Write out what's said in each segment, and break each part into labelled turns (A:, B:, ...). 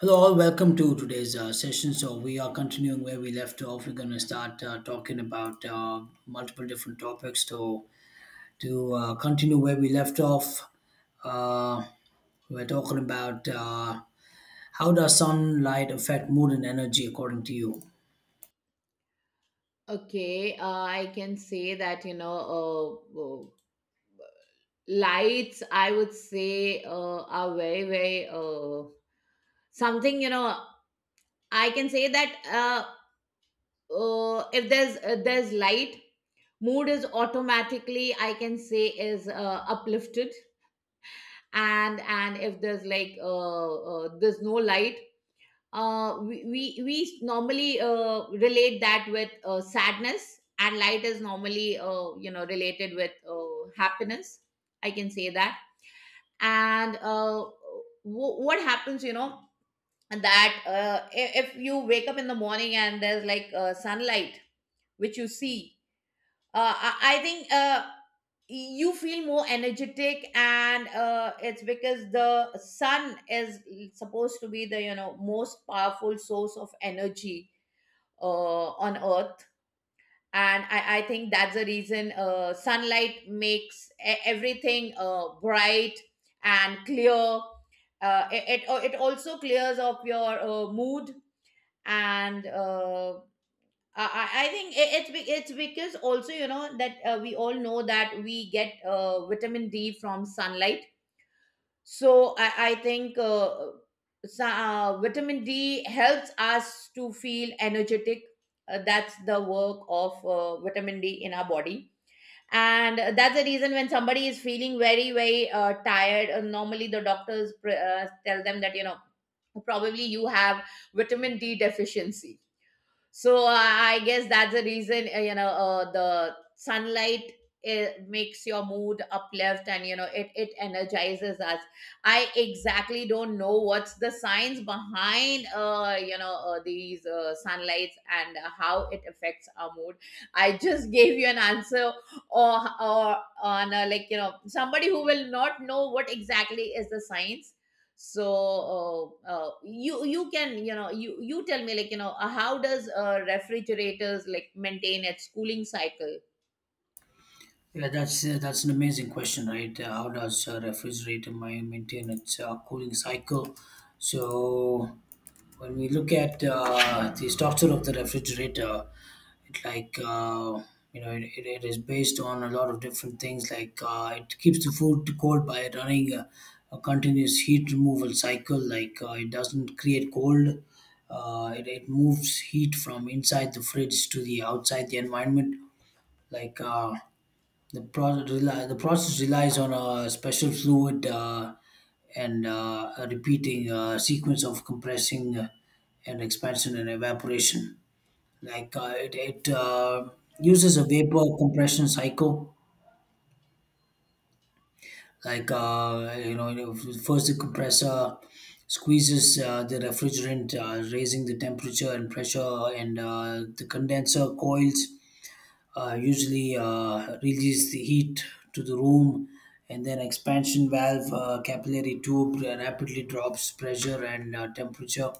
A: Hello, all. Welcome to today's session. So, we are continuing where we left off. We're going to start talking about multiple different topics. So, to continue where we left off, uh, we're talking about how does sunlight affect mood and energy, according to you?
B: Okay, I can say that, lights, I would say, are very, very something, I can say that if there's light, mood is automatically, I can say, is uplifted. And if there's like there's no light, we normally relate that with sadness, and light is normally related with happiness, I can say that. and uh, what happens, that if you wake up in the morning and there's like sunlight which you see, I think you feel more energetic, and it's because the sun is supposed to be the, most powerful source of energy uh, on earth. And I think that's the reason sunlight makes everything bright and clear. It also clears up your mood. And I think it's because also, you know, that we all know that we get vitamin D from sunlight. So I think vitamin D helps us to feel energetic. That's the work of vitamin D in our body. And that's the reason when somebody is feeling very, very tired, normally the doctors tell them that, you know, probably you have vitamin D deficiency. So I guess that's the reason, the sunlight, it makes your mood uplift, and you know it energizes us. I exactly don't know what's the science behind these sunlights and how it affects our mood. I just gave you an answer. Or on a, like, you know, somebody who will not know what exactly is the science. You you can, you know, you tell me, like, you know, how does refrigerators like maintain its cooling cycle?
A: Yeah, that's an amazing question, right? How does refrigerator maintain its cooling cycle? So, when we look at the structure of the refrigerator, it you know it is based on a lot of different things. It keeps the food cold by running a continuous heat removal cycle. It doesn't create cold. It moves heat from inside the fridge to the outside the environment. Like uh, the process relies on a special fluid and a repeating sequence of compressing and expansion and evaporation. It uses a vapor compression cycle. Like you know, first the compressor squeezes the refrigerant, raising the temperature and pressure, and the condenser coils usually release the heat to the room, and then expansion valve capillary tube rapidly drops pressure and temperature,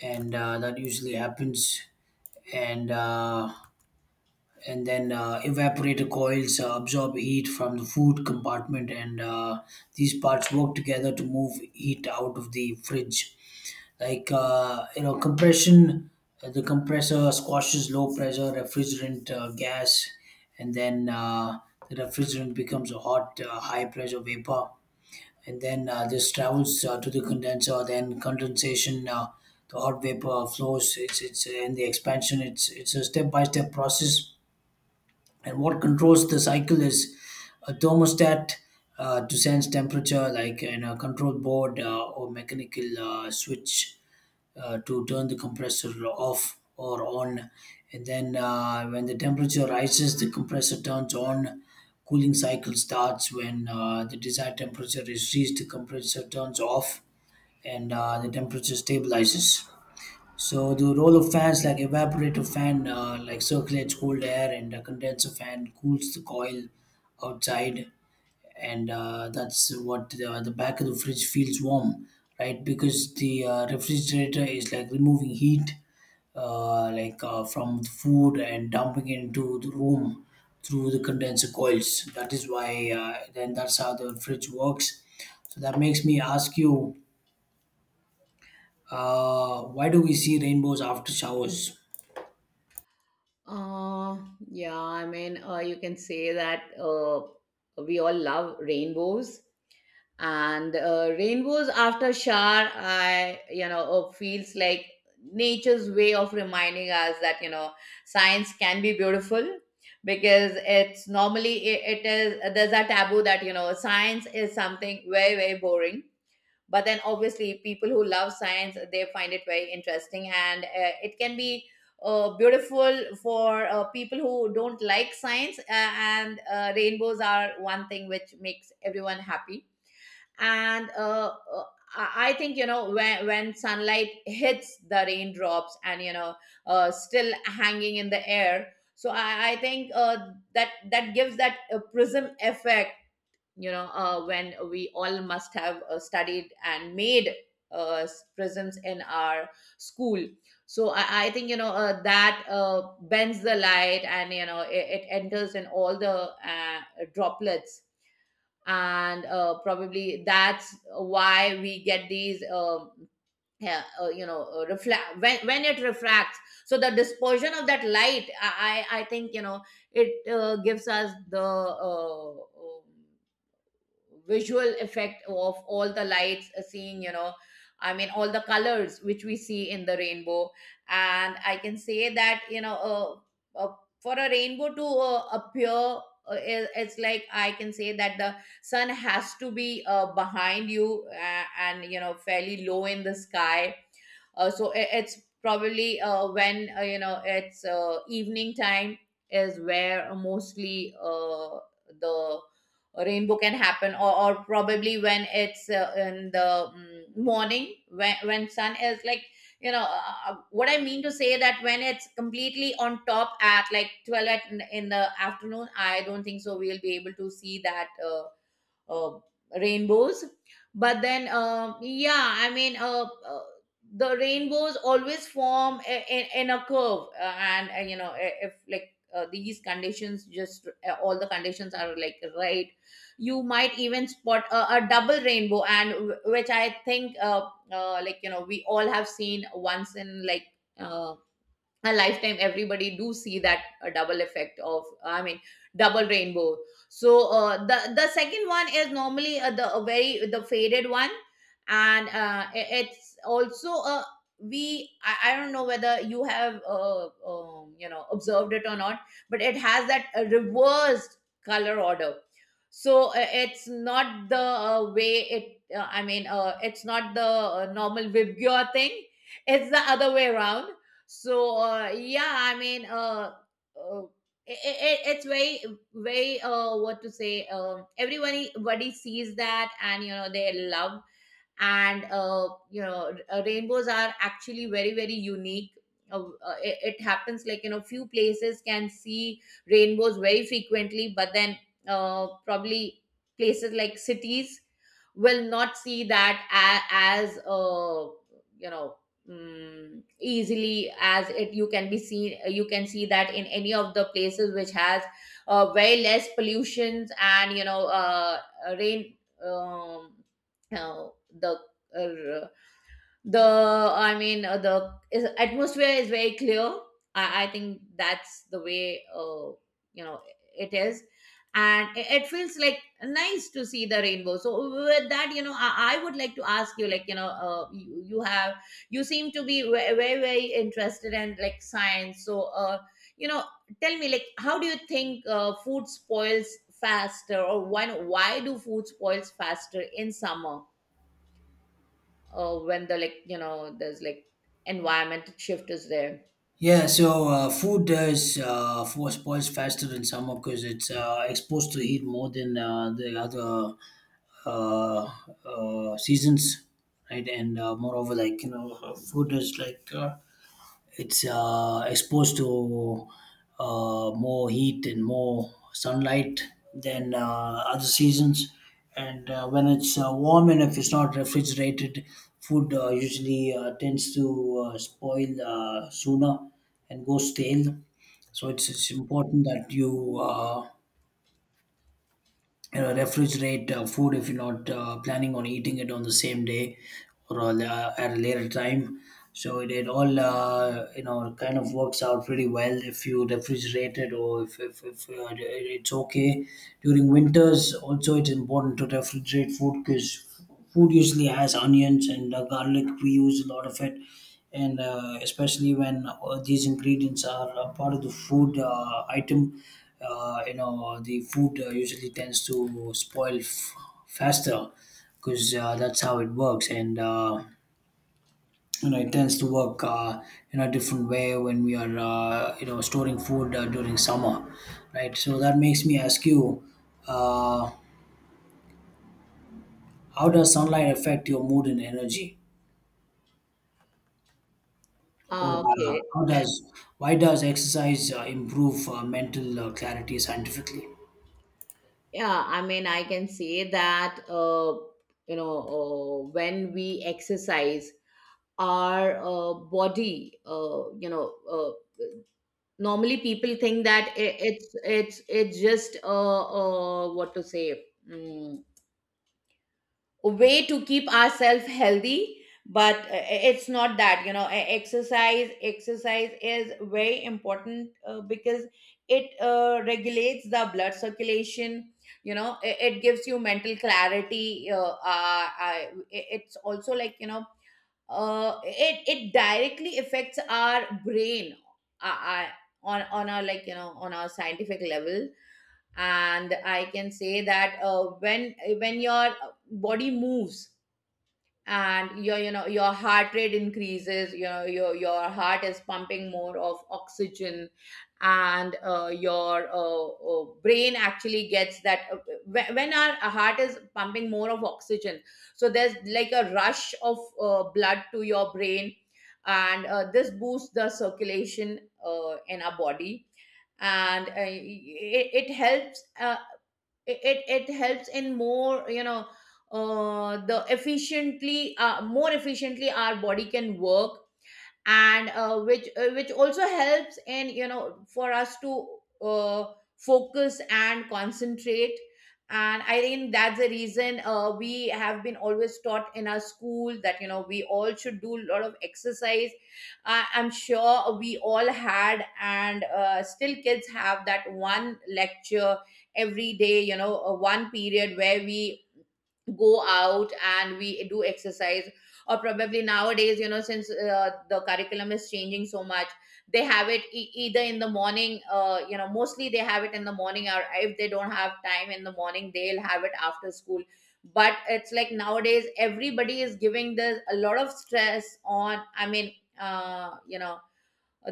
A: and that usually happens. And uh, and then uh, evaporator coils absorb heat from the food compartment, and these parts work together to move heat out of the fridge. Like, compression, the compressor squashes low pressure refrigerant gas, and then the refrigerant becomes a hot high pressure vapor, and then this travels to the condenser. Then condensation, the hot vapor flows, it's and the expansion, it's a step by step process. And what controls the cycle is a thermostat, to sense temperature, like in a control board or mechanical switch, to turn the compressor off or on. And then when the temperature rises, the compressor turns on. Cooling cycle starts when the desired temperature is reached. The compressor turns off, and the temperature stabilizes. So the role of fans, like evaporator fan, like circulates cold air, and a condenser fan cools the coil outside, and that's what, the back of the fridge feels warm, right? Because the refrigerator is like removing heat, from the food and dumping it into the room through the condenser coils. That is why then that's how the fridge works. So that makes me ask you, why do we see rainbows after showers?
B: Uh yeah I mean, you can say that we all love rainbows. And rainbows after shower, I, you know, feels like nature's way of reminding us that, you know, science can be beautiful, because it's normally, it is, there's a taboo that, you know, science is something very, very boring. But then obviously people who love science, they find it very interesting, and it can be beautiful for people who don't like science. And rainbows are one thing which makes everyone happy. And I think, you know, when sunlight hits the raindrops, and you know, still hanging in the air. So I think that that gives that prism effect, you know, when we all must have studied and made uh, prisms in our school. So I think, you know, that bends the light, and you know it enters in all the uh, droplets. And probably that's why we get these yeah, reflect when it refracts. So the dispersion of that light, I think, you know, it gives us the visual effect of all the lights, seeing, you know, I mean, all the colors which we see in the rainbow. And I can say that, you know, uh, uh, for a rainbow to appear, it's like, I can say that the sun has to be behind you, and you know fairly low in the sky. So it's probably when, you know, it's evening time is where mostly the rainbow can happen. Or probably when it's in the morning, when sun is like, you know, what I mean to say, that when it's completely on top, at like 12, at, in the afternoon, I don't think so we'll be able to see that uh, rainbows. But then, yeah, I mean, the rainbows always form in a curve. And you know, if like, these conditions just all the conditions are like right, you might even spot a double rainbow. And which I think, like you know, we all have seen once in like uh, a lifetime. Everybody do see that, a double effect of, I mean, double rainbow. So the second one is normally the a very the faded one. And it's also a, we, I don't know whether you have you know, observed it or not, but it has that reversed color order. So it's not the way it I mean, it's not the normal vibgyor thing, it's the other way around. So yeah, I mean, uh it's very, very, what to say, everybody sees that, and you know they love. And rainbows are actually very, very unique. It happens, like you know, few places can see rainbows very frequently, but then probably places like cities will not see that as you know easily, as it, you can be seen. You can see that in any of the places which has way less pollutions, and you know rain, um, uh, the uh, the I mean, atmosphere is very clear. I think that's the way, you know, it is, and it feels like nice to see the rainbow. So with that, you know, I would like to ask you, like you know, you have, you seem to be very, very interested in like science. So you know, tell me, like, how do you think food spoils faster, or why do food spoils faster in summer? When the, like you know, there's like environment shift is there.
A: Yeah, so food spoils faster in summer because it's exposed to heat more than the other uh, seasons, right? And moreover, like you know, food is like it's exposed to more heat and more sunlight than other seasons. And when it's warm and if it's not refrigerated, food usually tends to spoil sooner and go stale. So it's important that you you know, refrigerate food if you're not planning on eating it on the same day or a at a later time. So it all kind of works out pretty well if you refrigerate it, or if it- it's okay. During winters, also it's important to refrigerate food because food usually has onions and garlic. We use a lot of it, and especially when these ingredients are a part of the food item, you know the food usually tends to spoil faster because that's how it works, and you know it tends to work in a different way when we are you know storing food during summer, right? So that makes me ask you, uh, how does sunlight affect your mood and energy? Or
B: Okay.
A: how does why does exercise improve mental clarity scientifically?
B: Yeah, I mean, I can say that, you know, when we exercise, our body, you know, uh, normally people think that I it's just, what to say, mm, way to keep ourselves healthy. But it's not that, you know, exercise is very important, because it regulates the blood circulation. You know, it gives you mental clarity. It's also like, you know, it directly affects our brain, uh, uh, on a, like you know, on a scientific level. And I can say that when your body moves, and your, you know, your heart rate increases, you know your heart is pumping more of oxygen, and your brain actually gets that when our heart is pumping more of oxygen. So there's like a rush of blood to your brain, and this boosts the circulation in our body. And it helps it it, it helps in more, you know, the efficiently more efficiently our body can work, and which also helps in, you know, for us to focus and concentrate. And I think that's the reason we have been always taught in our school that, you know, we all should do a lot of exercise. I I'm sure we all had, and still kids have that one lecture every day, you know, one period where we go out and we do exercise. Or probably nowadays, you know, since the curriculum is changing so much, they have it, either in the morning, you know, mostly they have it in the morning, or if they don't have time in the morning, they'll have it after school. But it's like nowadays everybody is giving this a lot of stress on, I mean, you know,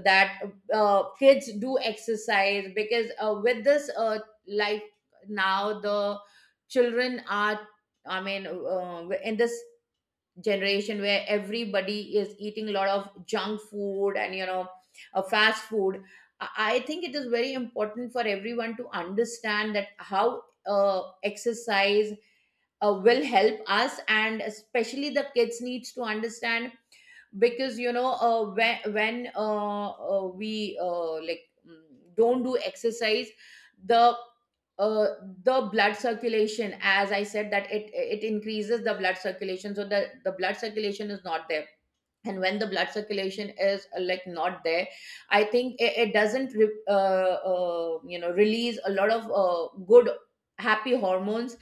B: that kids do exercise, because with this life now, the children are, I mean, in this generation where everybody is eating a lot of junk food, and you know fast food, I think it is very important for everyone to understand that how uh, exercise will help us, and especially the kids needs to understand. Because you know when we, don't do exercise, the uh, the blood circulation, as I said, that it increases the blood circulation. So the blood circulation is not there. And when the blood circulation is, like, not there, I think it doesn't you know, release a lot of good happy hormones.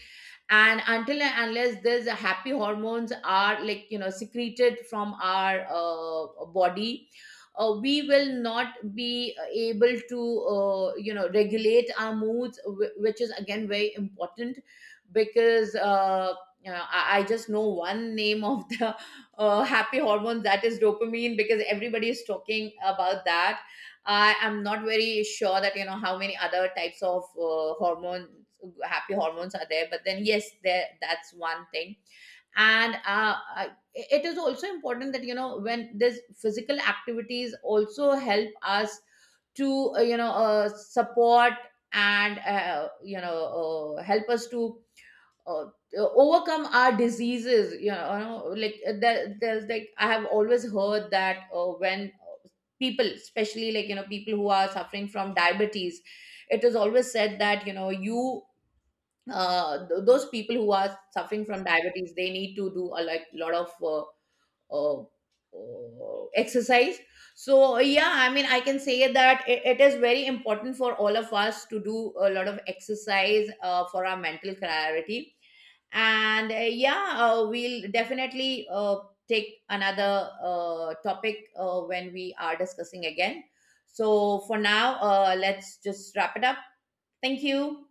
B: And until and unless there's a happy hormones are, like you know, secreted from our body, we will not be able to you know, regulate our moods, which is again very important. Because you know, I just know one name of the happy hormone, that is dopamine, because everybody is talking about that. I am not very sure that, you know, how many other types of hormone happy hormones are there, but then yes, there, that's one thing. And I- it is also important that you know when this physical activities also help us to support, and help us to uh, overcome our diseases. You know, you know, like there's like, I have always heard that when people, especially like you know, people who are suffering from diabetes, it is always said that, you know, you, those people who are suffering from diabetes, they need to do a like lot of uh, exercise. So yeah, I mean, I can say that it is very important for all of us to do a lot of exercise for our mental clarity. And yeah, we'll definitely take another topic when we are discussing again. So for now, let's just wrap it up. Thank you.